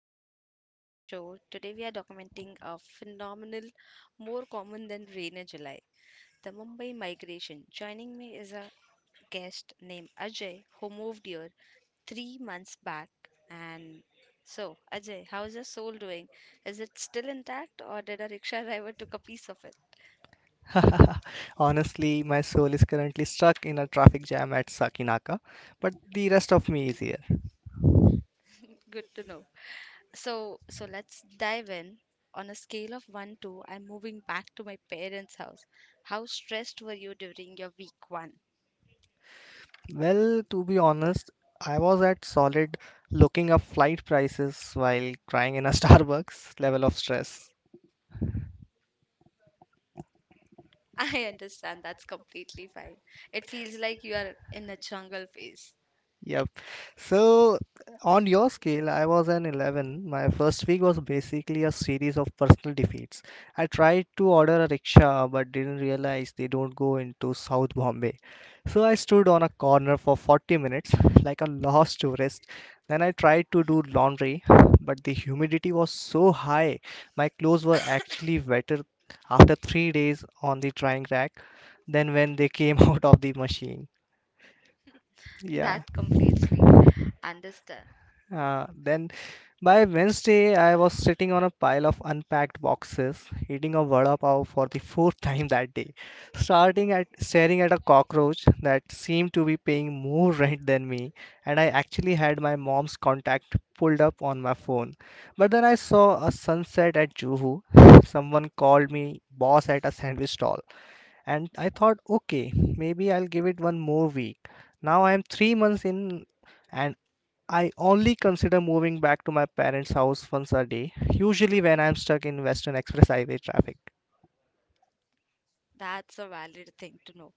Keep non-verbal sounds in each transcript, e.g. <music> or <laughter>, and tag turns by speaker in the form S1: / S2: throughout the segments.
S1: everyone. Welcome to the show. Today we are documenting a phenomenal, more common than rain in July, the Mumbai migration. Joining me is a guest named Ajay who moved here 3 months back. And Ajay, how is your soul doing? Is it still intact, or did a rickshaw <laughs> driver took a piece of it?
S2: <laughs> Honestly, my soul is currently stuck in a traffic jam at Sakinaka, but the rest of me is here.
S1: Good to know. So let's dive in. On a scale of one to, I'm moving back to my parents' house. How stressed were you during your week one?
S2: Well, to be honest, I was at solid looking up flight prices while crying in a <laughs> Starbucks level of stress.
S1: I understand. That's completely fine. It feels like you are in a jungle phase.
S2: Yep. So on your scale, I was an 11. My first week was basically a series of personal defeats. I tried to order a rickshaw but didn't realize they don't go into South Bombay. So I stood on a corner for 40 minutes <laughs> like a lost tourist. Then I tried to do laundry, but the humidity was so high. My clothes were actually <laughs> wetter after 3 days on the drying rack than when they came <laughs> out of the machine. Yeah.
S1: That completely understand.
S2: Then by Wednesday, I was sitting on a pile of unpacked boxes, eating a vada pav for the fourth <laughs> time that day, starting at staring at a cockroach that seemed to be paying more <laughs> rent than me, and I actually had my mom's contact pulled up on my phone. But then I saw a sunset at Juhu. <laughs> Someone called me boss at a sandwich stall, and I thought, okay, maybe I'll give it one more week. Now I am 3 months in, and I only consider moving back to my parents' house once a day, usually when I'm stuck in Western Express Highway traffic.
S1: That's a valid thing to know.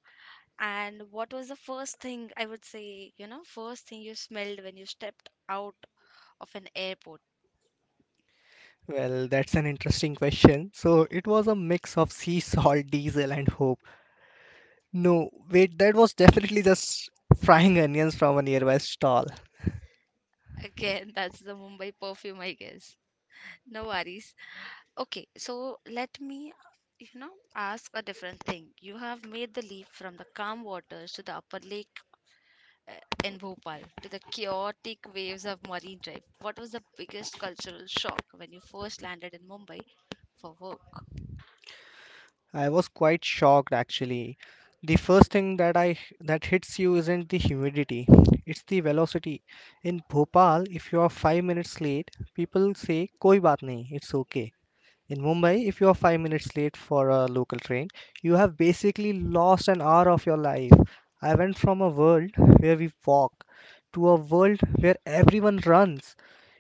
S1: And what was the first thing I would say, first thing you smelled when you stepped out of an airport?
S2: Well, that's an interesting question. So it was a mix of sea salt, diesel, and hope. No, wait, that was definitely just frying onions from a nearby stall.
S1: <laughs> Again, that's the Mumbai perfume, I guess. No worries. Okay, so let me, you know, ask a different thing. You have made the leap from the calm waters to the upper lake uh, in Bhopal to the chaotic waves of Marine Drive. What was the biggest cultural shock when you first landed in Mumbai for work?
S2: I was quite shocked, actually. The first thing that hits you isn't the humidity, it's the velocity. In Bhopal, if you are 5 minutes late, people say koi baat nahi, it's okay. In Mumbai, if you are 5 minutes late for a local train, you have basically lost an hour of your life. I went from a world where we walk to a world where everyone runs.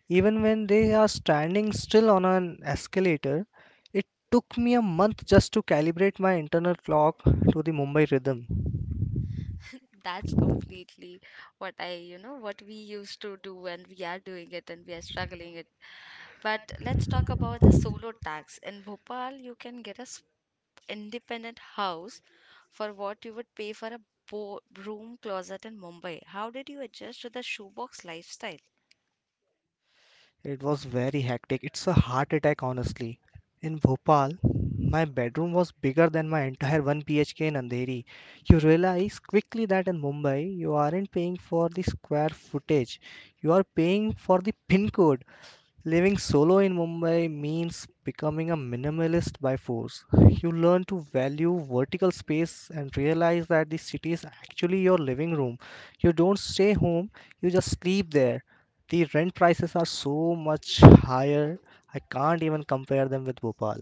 S2: Even when they are standing still on an escalator, it took me a month just to calibrate my internal clock to the Mumbai rhythm.
S1: <laughs> That's completely what I, what we used to do, and we are doing it and we are struggling it. But let's talk about the solo tax. In Bhopal, you can get a independent house for what you would pay for a bo room closet in Mumbai. How did you adjust to the shoebox lifestyle?
S2: It was very hectic. It's a heart attack, honestly. In Bhopal, my bedroom was bigger than my entire 1 PHK in Andheri. You realize quickly that in Mumbai, you aren't paying for the square footage, you are paying for the pin code. Living solo in Mumbai means becoming a minimalist by force. You learn to value vertical space and realize that the city is actually your living room. You don't stay home, you just sleep there. The rent prices are so much higher, I can't even compare them with Bhopal.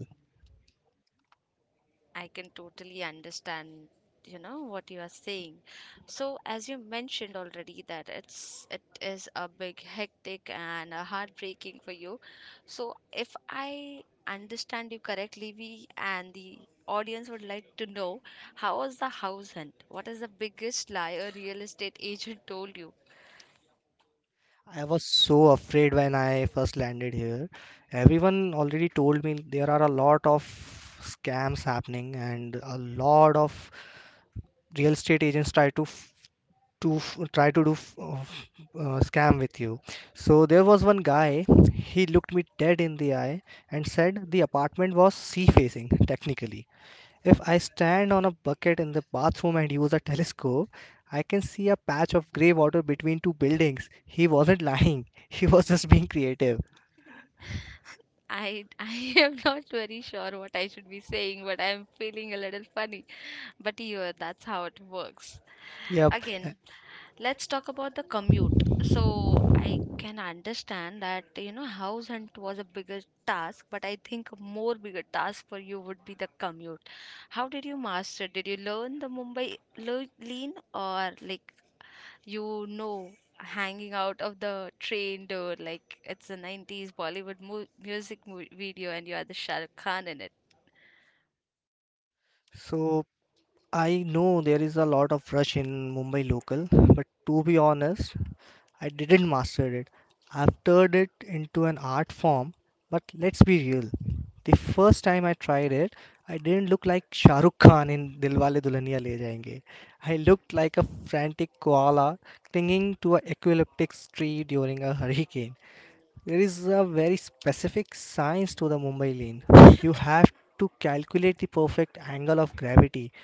S1: I can totally understand, what you are saying. So, as you mentioned already that it is a big hectic and a heartbreaking for you. So, if I understand you correctly, we and the audience would like to know how was the house hunt? What is the biggest lie a real estate agent told you?
S2: I was so afraid when I first landed here. Everyone already told me there are a lot of scams happening and a lot of real estate agents try to to f- try to do f- uh, f- scam with you. So there was one guy. He looked me dead in the eye and said the apartment was sea facing. Technically, if I stand on a bucket in the bathroom and use a telescope, I can see a patch of gray water between two buildings. He wasn't lying, <laughs> he was just being creative.
S1: I <laughs> am not very sure what I should be saying, but I am feeling a little funny. But yeah, that's how it works.
S2: Yep.
S1: Again, let's talk about the commute. So I can understand that you know house hunt was a bigger task, but I think a more bigger task for you would be the commute. How did you master? Did you learn the Mumbai lean or like you know hanging out of the train door like it's a 90s Bollywood music video and you are the Shah Rukh Khan in it.
S2: So I know there is a lot of rush in Mumbai local, but to be honest, I didn't master it. I've turned it into an art form, but let's be real. The first time I tried it, I didn't look like Shah Rukh Khan in Dilwale Dulhaniya Le Jayenge. I looked like a frantic koala clinging to an epileptic tree during a hurricane. There is a very specific science to the Mumbai lane. You have to calculate the perfect angle of gravity.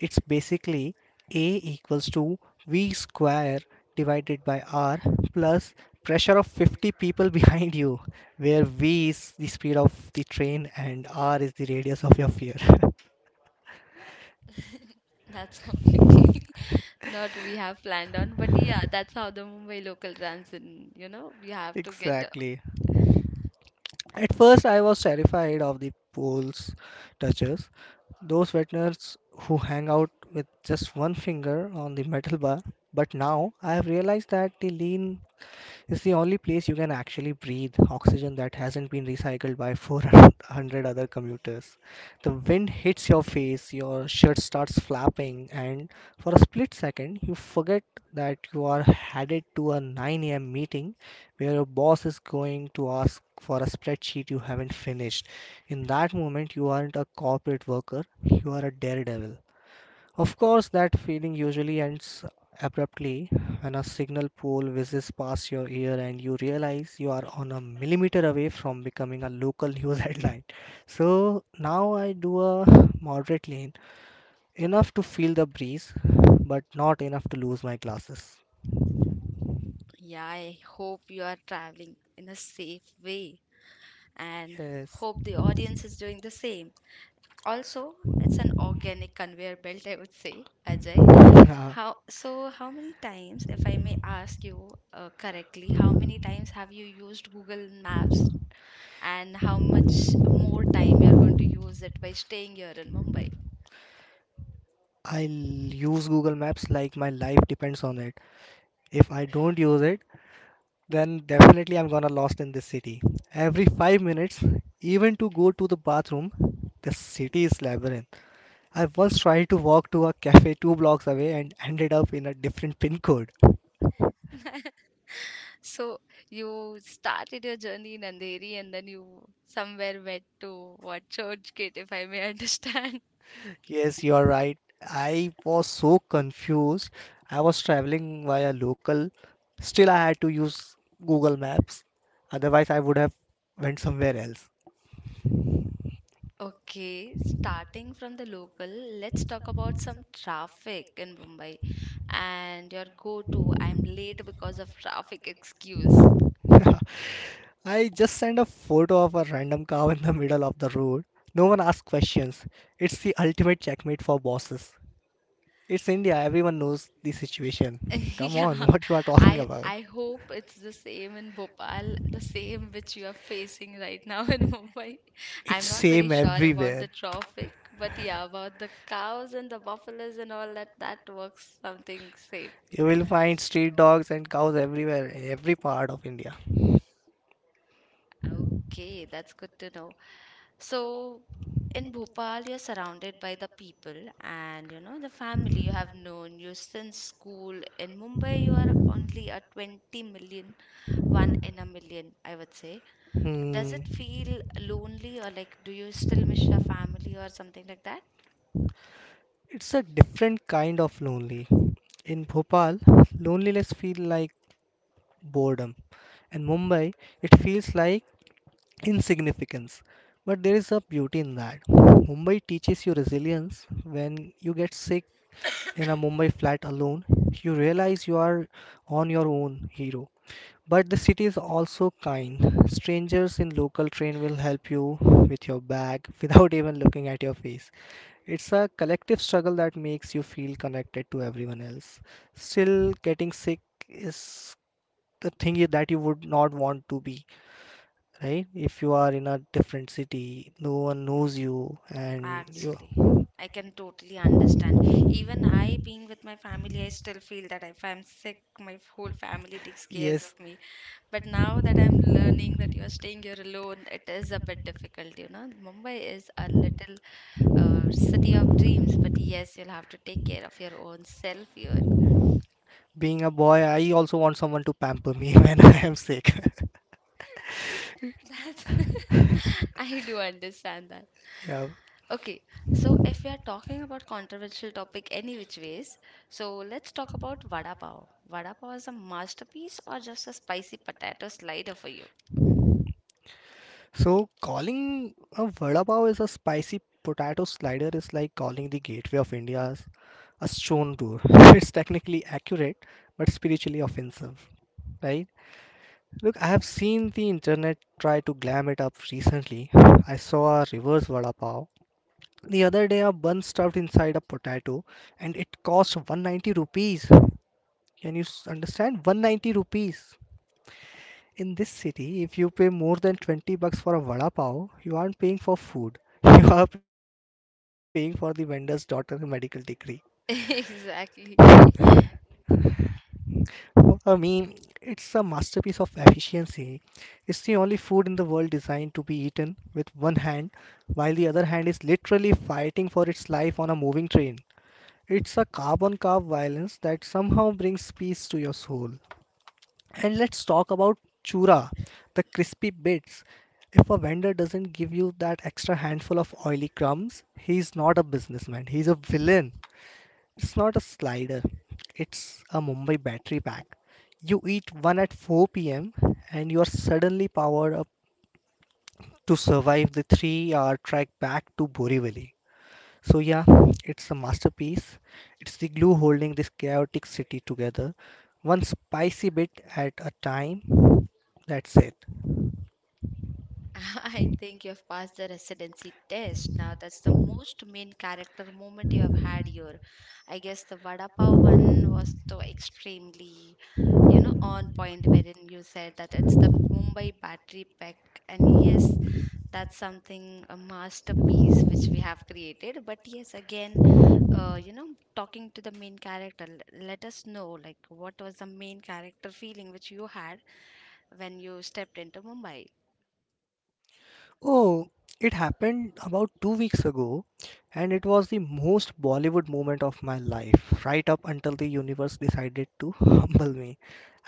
S2: It's basically A equals to V square divided by R plus pressure of 50 people <laughs> behind you, where V is the speed of the train and R is the radius of your sphere.
S1: That's <laughs> completely not we have planned on, but yeah, that's how the Mumbai local runs in, you
S2: <laughs>
S1: have to get
S2: Exactly. At first, I was terrified of the poles touchers, those wetners who hang out with just one finger on the metal bar. But now I have realized that the lean, it's the only place you can actually breathe oxygen that hasn't been recycled by <laughs> 400 other commuters. The wind hits your face, your shirt starts flapping, and for a split second, you forget that you are headed to a 9 a.m. meeting where your boss is going to ask for a spreadsheet you haven't finished. In that moment, you aren't a corporate worker, you are a daredevil. Of course, that feeling usually ends abruptly when a signal pole whizzes past your ear and you realize you are on a millimeter away from becoming a local news <laughs> headline. So now I do a moderate lean, enough to feel the breeze, but not enough to lose my glasses.
S1: yeah, I hope you are traveling in a safe way and
S2: Yes.
S1: hope the audience is doing the same. Also, it's an organic conveyor belt, I would say, Ajay.
S2: Yeah.
S1: How so? How many times, if I may ask you correctly, how many times have you used Google Maps, and how much more time you are going to use it by staying here in Mumbai?
S2: I'll use Google Maps like my life depends on it. If I don't use it, then definitely I'm gonna lost in this city. Every 5 minutes, even to go to the bathroom, the city is labyrinth. I once tried to walk to a cafe two blocks away and ended up in a different <laughs> pin code.
S1: So you started your journey in Andheri, and then you somewhere went to what Churchgate, if I may <laughs> understand.
S2: Yes, you are right. I was so confused. I was traveling via local. Still, I had to use Google Maps. Otherwise, I would have went somewhere else.
S1: Okay, starting from the local, let's talk about some traffic in Mumbai and your go-to, I'm late because of traffic excuse.
S2: <laughs> I just sent a photo of a random cow in the middle of the road. No one asked questions. It's the ultimate checkmate for bosses. It's India. Everyone knows the situation.
S1: <laughs>
S2: Come on, <laughs>
S1: Yeah,
S2: what you are talking
S1: I
S2: about?
S1: I hope it's the same in Bhopal, the same which you are facing right now in <laughs> Mumbai.
S2: <laughs>
S1: I'm
S2: It's
S1: not very
S2: same
S1: sure about
S2: everywhere.
S1: the traffic, but yeah, about the cows and the buffaloes and all that, that works something same.
S2: You will find street dogs and cows everywhere in every part of India.
S1: Okay, that's good to know. So, in Bhopal, you're surrounded by the people and you know the family you have known you since school. In Mumbai, you are only a 20 million, one in a million, I would say. Does
S2: Hmm.
S1: it feel lonely or like do you still miss your family or something like that?
S2: It's a different kind of lonely. In Bhopal, loneliness feels like boredom. In Mumbai, it feels like insignificance. But there is a beauty in that. Mumbai teaches you resilience. When you get sick, in a Mumbai flat alone, you realize you are on your own, hero. But the city is also kind. Strangers in local train will help you with your bag without even looking at your face. It's a collective struggle that makes you feel connected to everyone else. Still, getting sick is the thing that you would not want to be, right? If you are in a different city, no one knows you, and you.
S1: Actually, I can totally understand. Even I, being with my family, I still feel that if I'm sick, my whole family takes care
S2: Yes,
S1: of me. But now that I'm learning that you're staying here alone, it is a bit difficult, you know. Mumbai is a little city of dreams, but yes, you'll have to take care of your own self here.
S2: being a boy, I also want someone to pamper me <laughs> when I am sick. <laughs>
S1: <laughs> That's <laughs> I do understand that.
S2: Yeah.
S1: Okay, so if we are talking about controversial topic any which ways, so let's talk about vada pav. Vada pav is a masterpiece or just a spicy potato slider for you?
S2: So calling a vada pav is a spicy potato slider is like calling the gateway of India's a stone tour. <laughs> It's technically accurate, but spiritually offensive, right? Look, I have seen the internet try to glam it up recently. I saw a reverse vada pav. The other day, a bun stuffed inside a potato and it cost 190 rupees. Can you understand? 190 rupees. In this city, if you pay more than 20 bucks for a vada pav, you aren't paying for food. <laughs> You are paying for the vendor's daughter's medical degree.
S1: <laughs> Exactly.
S2: For me, it's a masterpiece of efficiency. It's the only food in the world designed to be eaten with one hand, while the other hand is literally fighting for its life on a moving train. It's a carbon carb violence that somehow brings peace to your soul. And let's talk about chura, the crispy bits. If a vendor doesn't give you that extra handful of oily crumbs, he's not a businessman, he's a villain. It's not a slider, it's a Mumbai battery pack. You eat one at 4 p.m. and you are suddenly powered up to survive the 3-hour trek back to Borivali. So yeah, it's a masterpiece. It's the glue holding this chaotic city together, one spicy bit at a time. That's it.
S1: I think you have passed the residency test. Now that's the most main character moment you have had here. I guess the vada pav one was so extremely on point wherein you said that it's the Mumbai battery pack. And yes, that's something, a masterpiece which we have created. But yes, again, uh, you know, talking to the main character, let us know, like, what was the main character feeling which you had when you stepped into Mumbai?
S2: Oh, it happened about 2 weeks ago, and it was the most Bollywood moment of my life, right up until the universe decided to <laughs> humble me.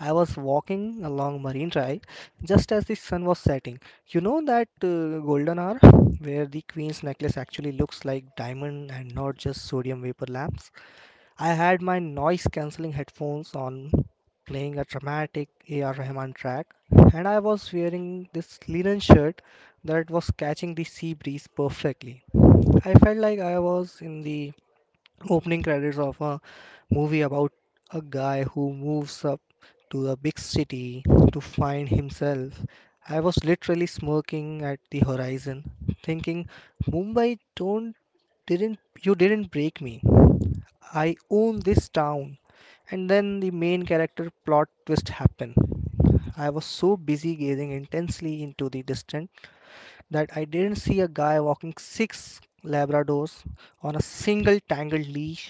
S2: I was walking along Marine Drive just as the sun was setting. You know that golden hour where the queen's necklace actually looks like diamond and not just sodium vapor lamps? I had my noise cancelling headphones on, playing a dramatic A.R. Rahman track, and I was wearing this linen shirt that was catching the sea breeze perfectly. I felt like I was in the opening credits of a movie about a guy who moves up to the big city to find himself. I was literally smirking at the horizon, thinking, "Mumbai, don't didn't you didn't break me. I own this town." And then the main character plot twist happened. I was so busy gazing intensely into the distant that I didn't see a guy walking six Labradors on a single tangled leash.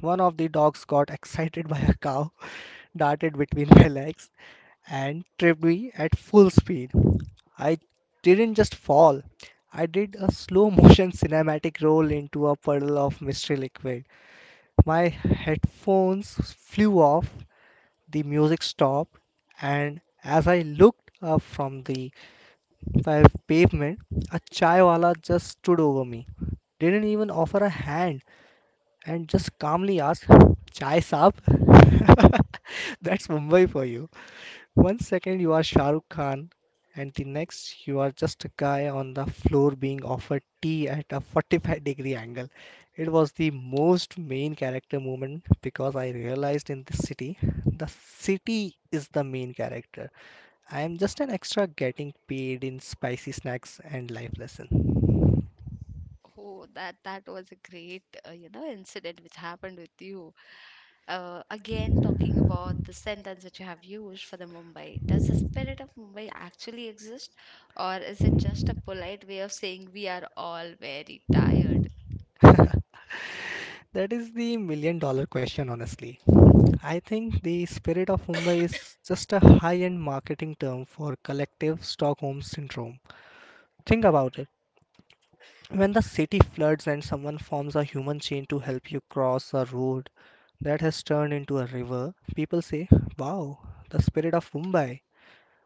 S2: One of the dogs got <laughs> excited by a cow, <laughs> darted between my legs, and tripped me at full speed. I didn't just fall, I did a slow motion <laughs> cinematic roll into a puddle of mystery liquid. My headphones flew off, the music stopped, and as I looked up from the pavement, a chaiwala just stood over me. Didn't even offer a hand and just calmly asked, Chai saab? <laughs> That's Mumbai for you. One second you are Shah Rukh Khan, and the next you are just a guy on the floor being offered tea at a 45-degree angle. It was the most main character moment because I realized in this city, the city is the main character. I am just an extra getting paid in spicy snacks and life lesson.
S1: Oh, that was a great, incident which happened with you. Again, talking about the sentence which you have used for the Mumbai, does the spirit of Mumbai actually exist, or is it just a polite way of saying we are all very tired?
S2: <laughs> That is the million dollar question, honestly. I think the spirit of Mumbai is just a high end marketing term for collective Stockholm syndrome. Think about it. When the city floods and someone forms a human chain to help you cross a road that has turned into a river, people say, Wow, the spirit of Mumbai.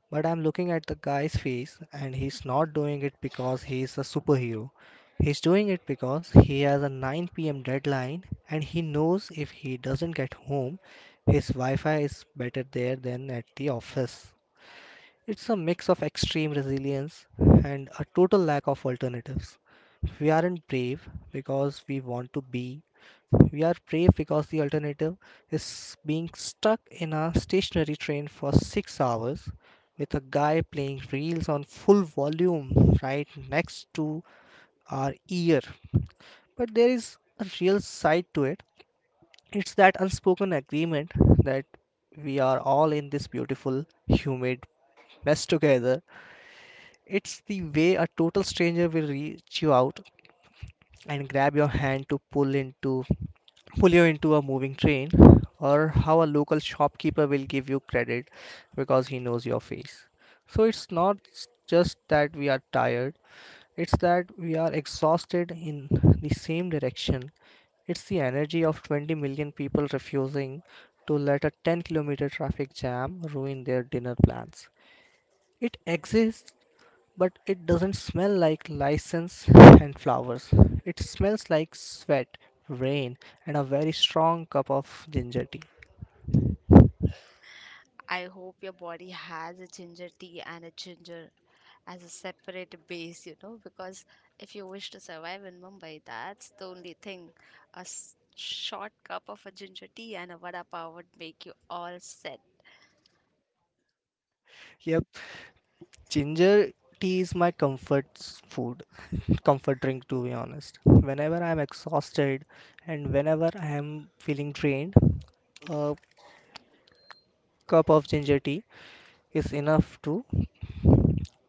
S2: But I'm looking at the guy's face and he's not doing it because he's a superhero. He's doing it because he has a 9 p.m. deadline and he knows if he doesn't get home, his Wi Fi is better there than at the office. It's a mix of extreme resilience and a total lack of alternatives. We aren't brave because we want to be. We are brave because the alternative is being stuck in a stationary train for 6 hours with a guy playing reels on full volume right next to our ear. But there is a real side to it. It's that unspoken agreement that we are all in this beautiful, humid mess together. It's the way a total stranger will reach you out and grab your hand to pull you into a moving train, or how a local shopkeeper will give you credit because he knows your face. So it's not just that we are tired, it's that we are exhausted in the same direction. It's the energy of 20 million people refusing to let a 10-kilometer traffic jam ruin their dinner plans. It exists but it doesn't smell like license and flowers. It smells like sweat, rain, and a very strong cup of ginger tea.
S1: I hope your body has a ginger tea and a ginger as a separate base, you know, because if you wish to survive in Mumbai, that's the only thing. A short cup of a ginger tea and a vada pav would make you all set.
S2: Yep, ginger tea is my comfort drink, to be honest. Whenever I'm exhausted and whenever I am feeling drained, a cup of ginger tea is enough to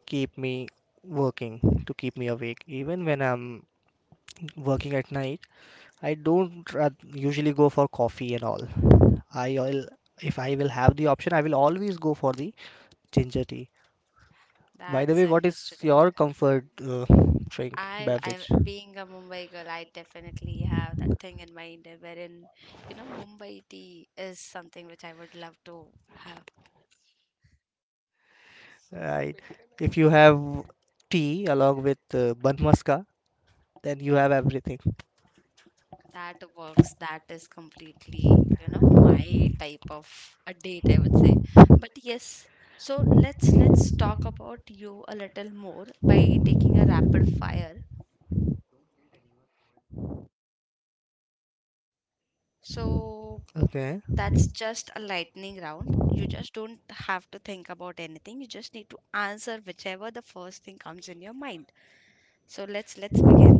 S2: keep me working, to keep me awake, even when I'm working at night. I don't usually go for coffee and all. I will, if I will have the option, I will always go for the ginger tea. By the
S1: That's
S2: way, what is
S1: understandable.
S2: your comfort drink beverage?
S1: Being a Mumbai girl, I definitely have that thing in mind wherein, Mumbai tea is something which I would love to have.
S2: Right. If you have tea along with banmaska, then you have everything.
S1: That works. That is completely, my type of a date, I would say. But yes, so let's talk about you a little more by taking a rapid fire. So
S2: Okay.
S1: that's just a lightning round. You just don't have to think about anything. You just need to answer whichever the first thing comes in your mind. So let's begin.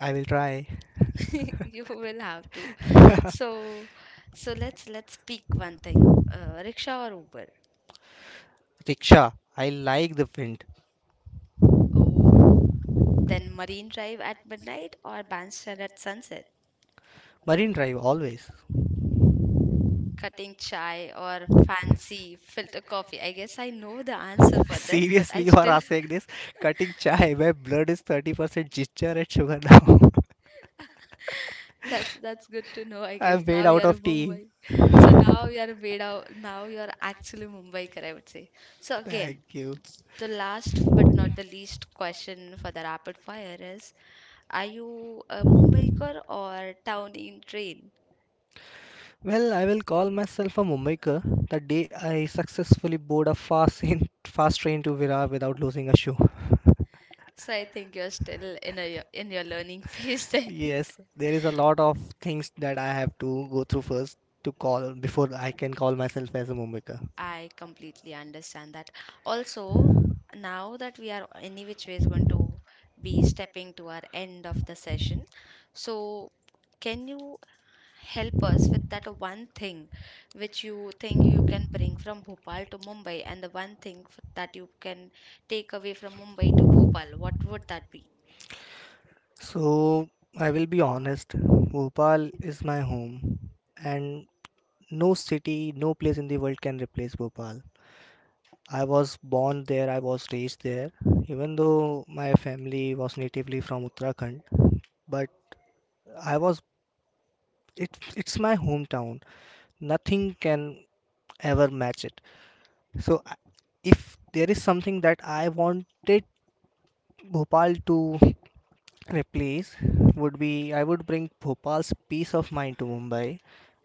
S2: I will try.
S1: <laughs> You will have to.
S2: <laughs>
S1: So so let's pick one thing. Rickshaw or Uber?
S2: Rickshaw. I like the wind.
S1: Oh. Then Marine Drive at midnight or Bandstand at sunset.
S2: Marine Drive always.
S1: Cutting chai or fancy filter coffee. I guess I know the
S2: <laughs>
S1: answer
S2: Answer.
S1: for this, but
S2: Seriously,
S1: I
S2: you are
S1: still
S2: asking
S1: <laughs>
S2: this? Cutting chai where blood is 30% ginger and sugar now. <laughs> That's
S1: that's good to know. I
S2: I'm
S1: guess
S2: and
S1: now
S2: made
S1: you
S2: out
S1: are a
S2: of tea.
S1: Mumbai, so
S2: Now
S1: now you are a Beda. Now you are actually Mumbaikar, I would say. So
S2: Thank
S1: again,
S2: you.
S1: the last but not the least question for the rapid fire is: Are you a Mumbaiker or town in train?
S2: Well, I will call myself a Mumbaiker the day I successfully board a fast train to Virar without losing a shoe. So I
S1: So I think you're still in a in your learning <laughs> phase then.
S2: Yes, there is a lot of things that I have to go through first to call before I can call myself as a Mumbaiker.
S1: I completely understand that. Also, now that we are any which way is going to be stepping to our end of the session, so can you help us with that one thing which you think you can bring from Bhopal to Mumbai, and the one thing that you can take away from Mumbai to Bhopal? What would that be?
S2: So, I will be honest, Bhopal is my home, and no city, no place in the world can replace Bhopal. I was born there, I was raised there, even though my family was natively from Uttarakhand, but I was it's my hometown. Nothing can ever match it. So, I- if there is something that I wanted Bhopal to replace would be I would bring Bhopal's peace of mind to Mumbai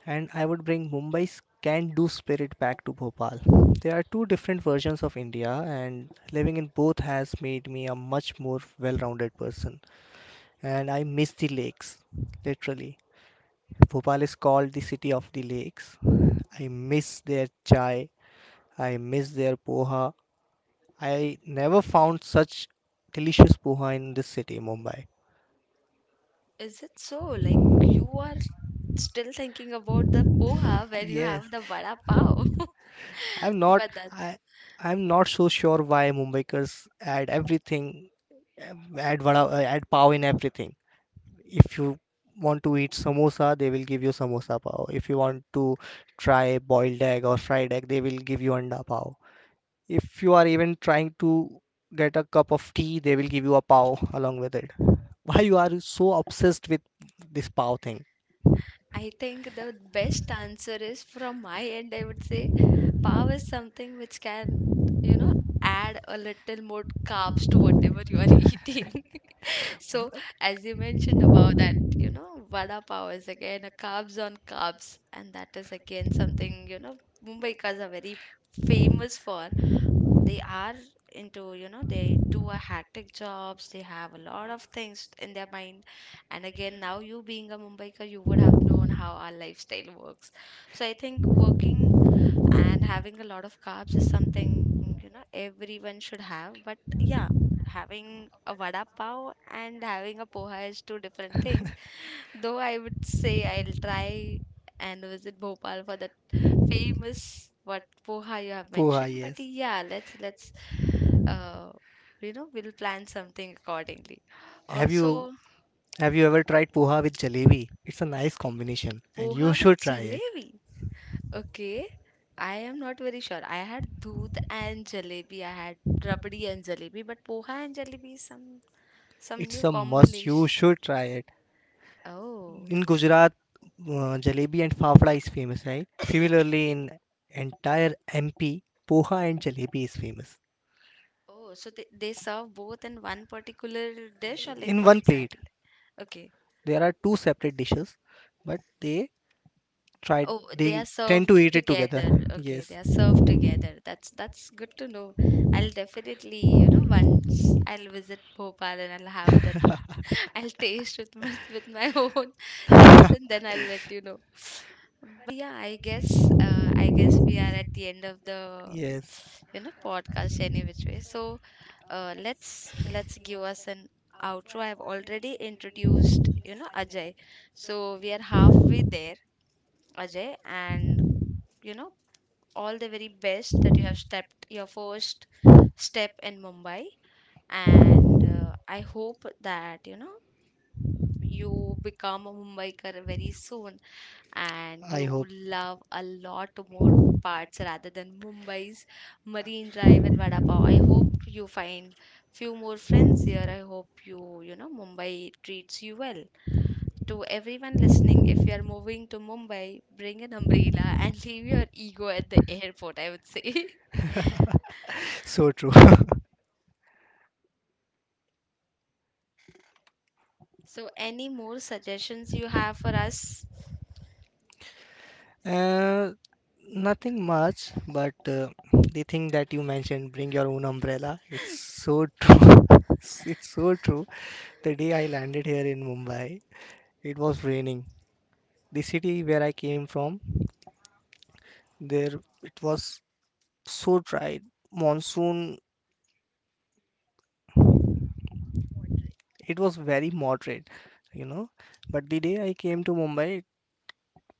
S2: and I would bring Mumbai's can do spirit back to Bhopal. There are two different versions of India, and living in both has made me a much more well rounded person. And I miss the lakes, literally. Bhopal is called the city of the lakes. I miss their chai, I miss their poha. I never found such delicious poha in this city, Mumbai.
S1: Is it so? Like you are still thinking about the poha where you
S2: Yes.
S1: have the vada pav, <laughs>
S2: I'm not
S1: but that's
S2: I I'm not so sure why Mumbaikars add everything add pav in everything. If you want to eat samosa, they will give you samosa pav. If you want to try boiled egg or fried egg, they will give you anda pav. If you are even trying to get a cup of tea, they will give you a pav along with it. Why you are so obsessed with this pav thing?
S1: I think the best answer is from my end, I would say pav is something which can, you know, add a little more carbs to whatever you are <laughs> eating. <laughs> So, as you mentioned about that, vada pav is again a carbs on carbs, and that is again something, Mumbaikas are very famous for they are into you know they do a hectic jobs they have a lot of things in their mind and again now you being a mumbaikar you would have known how our lifestyle works so I think working and having a lot of carbs is something you know everyone should have but yeah having a vada pav and having a poha is two different things though I would say I'll try and visit bhopal for the famous what poha you have
S2: Poha,
S1: mentioned, but
S2: yes.
S1: yeah, let's uh, we'll plan something accordingly.
S2: Have you?
S1: Also,
S2: Have you ever tried poha with jalebi? It's a nice combination and you
S1: poha with
S2: should try it.
S1: jalebi. Okay, I am not very sure. I had doodh and jalebi. I had rabdi and jalebi, but poha and jalebi is some
S2: It's
S1: new
S2: a must. You
S1: combination.
S2: should try it.
S1: Oh,
S2: In Gujarat, jalebi and fafda is famous, right? Similarly, in entire MP, poha and jalebi is famous.
S1: oh, so they serve both in one particular dish or like
S2: In
S1: what
S2: one plate,
S1: exactly? Okay.
S2: there are two separate dishes, but try
S1: Oh, they
S2: they
S1: are
S2: tend to
S1: served
S2: eat it together.
S1: together. Okay, they
S2: Yes,
S1: are served together. That's good to know. I'll definitely, once I'll visit Bhopal and I'll have that. <laughs> I'll taste with my <laughs> own sense and then I'll let you know. But yeah, I guess we are at the end of the
S2: yes.
S1: you know podcast any which way. So let's give us an outro. I've already introduced you know Ajay, so we are halfway there. Ajay, and you know, all the very best that you have stepped your first step in Mumbai. And I hope that you become a Mumbaikar very soon and
S2: I
S1: you
S2: hope.
S1: love a lot more parts rather than Mumbai's Marine Drive and Vada Pav. I hope you find few more friends here. I hope you, you know, Mumbai treats you well. To everyone listening, if you are moving to Mumbai, bring an umbrella and <laughs> leave your ego at the airport, I would say. <laughs>
S2: So true. <laughs>
S1: So, any more suggestions you have for us?
S2: Uh, Nothing much, but the thing that you mentioned, bring your own umbrella. It's so true. <laughs> It's so true. The day I landed here in Mumbai, it was raining. The city where I came from, there it was so dry. Monsoon, it was very moderate, you know. But the day I came to Mumbai,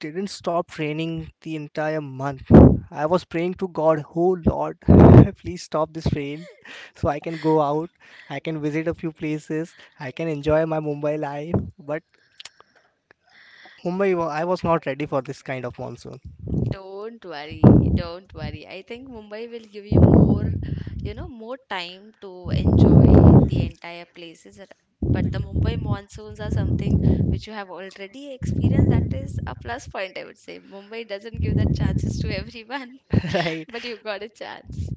S2: didn't stop raining the entire month. I was praying to God, oh Lord, <laughs> please stop this rain so I can go out, I can visit a few places, I can enjoy my Mumbai life. But Mumbai, I was not ready for this kind of monsoon.
S1: Don't worry, don't worry. I think Mumbai will give you more, you know, more time to enjoy the entire places. But the Mumbai monsoons are something which you have already experienced. That is a plus point, I would say. Mumbai doesn't give that chances to everyone,
S2: <laughs>
S1: <laughs>
S2: Right
S1: but you got a chance.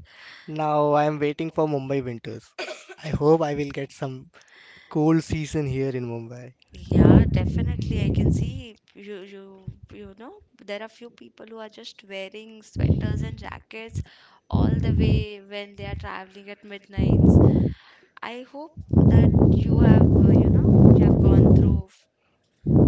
S2: now, I'm waiting for Mumbai winters. I hope I will get some cool season here in Mumbai.
S1: Yeah, definitely. I can see you, there are few people who are just wearing sweaters and jackets all the way when they are traveling at midnights. I hope that you have, you know, you have gone through f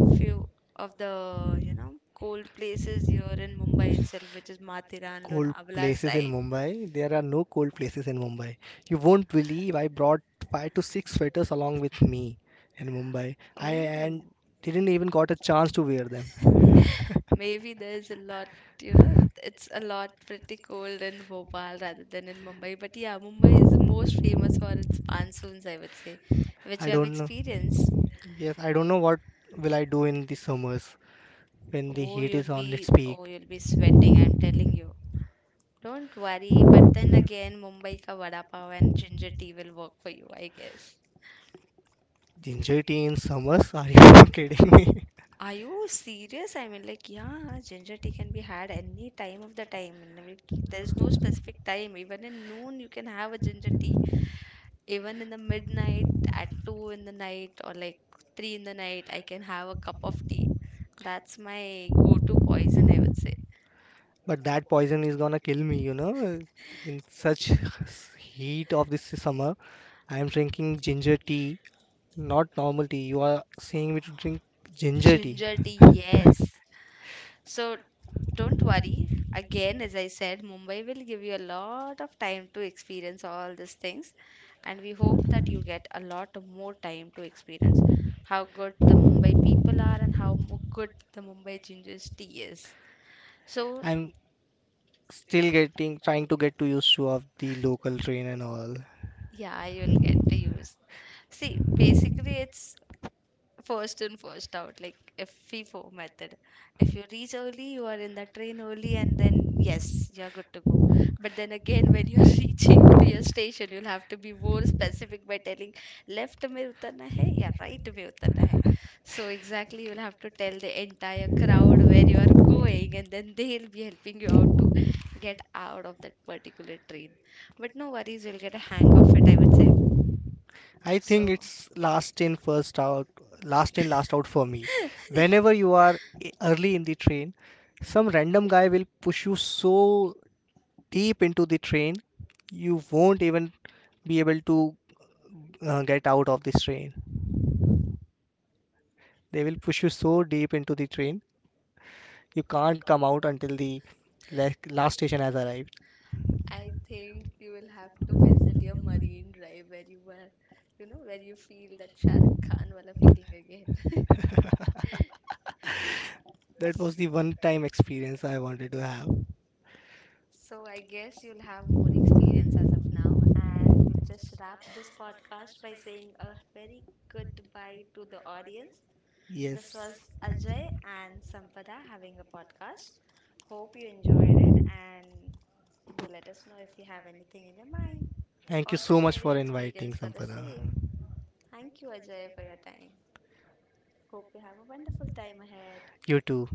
S1: few of the, you know, cold places here in Mumbai itself, which is Mathiran,
S2: Cold
S1: Lonavala
S2: places in
S1: side.
S2: Mumbai. There are no cold places in Mumbai. You won't believe I brought 5 to 6 sweaters along with me in Mumbai. I and
S1: Oh,
S2: Didn't even got a chance to wear them.
S1: maybe there's a lot, you know, it's a lot pretty cold in Bhopal rather than in Mumbai. But yeah, Mumbai is most famous for its monsoons, I would say, which
S2: I
S1: you have
S2: don't know.
S1: experienced.
S2: Yes, I don't know what will I do in the summers when the
S1: Oh,
S2: heat is
S1: you'll
S2: on its peak.
S1: be sweating, I'm telling you. Don't worry, but then again, Mumbai ka vada pav and ginger tea will work for you, I guess.
S2: Ginger tea in summers? Are you <laughs> kidding me?
S1: Are you serious? I mean, like, yeah, ginger tea can be had any time of the time. And, I mean, like, there's no specific time. Even in noon, you can have a ginger tea, even in the midnight at 2 in the night or like 3 in the night. I can have a cup of tea. That's my go-to poison, I would say.
S2: But that poison is gonna kill me. In such heat of this summer, I am drinking ginger tea, not normal tea. You are saying me to drink ginger tea.
S1: Ginger tea, yes. So don't worry, again, as I said, Mumbai will give you a lot of time to experience all these things, and we hope that you get a lot more time to experience how good the Mumbai people are and how good the Mumbai ginger tea is. So
S2: I'm still getting trying to get to used to of the local train and all.
S1: yeah, you will get to use. See, basically it's first in, first out, like FIFO method. If you reach early, you are in the train early, and then yes, you're good to go. But then again, when you're <laughs> reaching to your station, you'll have to be more specific by telling left में उतरना है या right में उतरना है. So exactly, you'll have to tell the entire crowd where you are going, and then they'll be helping you out to get out of that particular train. But no worries, you'll get a hang of it, I would say.
S2: I think
S1: So,
S2: it's last in first out, last in last out for me. Whenever you are early in the train, some random guy will push you so deep into the train, you won't even be able to get out of this train. They will push you so deep into the train, you can't come out until the last station has arrived.
S1: I think you will have to visit your Marine Drive where you were, you know, where you feel that Shah Rukh Khan wala feeling again. <laughs>
S2: <laughs> That was the one time experience I wanted to have.
S1: So I guess you'll have more experience as of now, and we'll just wrap this podcast by saying a very goodbye to the audience. This
S2: Yes.
S1: was Ajay and Sampada having a podcast. Hope you enjoyed it, and do let us know if you have anything in your mind.
S2: Thank you
S1: Also
S2: so much
S1: share your
S2: for inviting
S1: experience for the
S2: Sampada.
S1: same. Thank you, Ajay, for your time. Hope you have a wonderful time ahead.
S2: You too.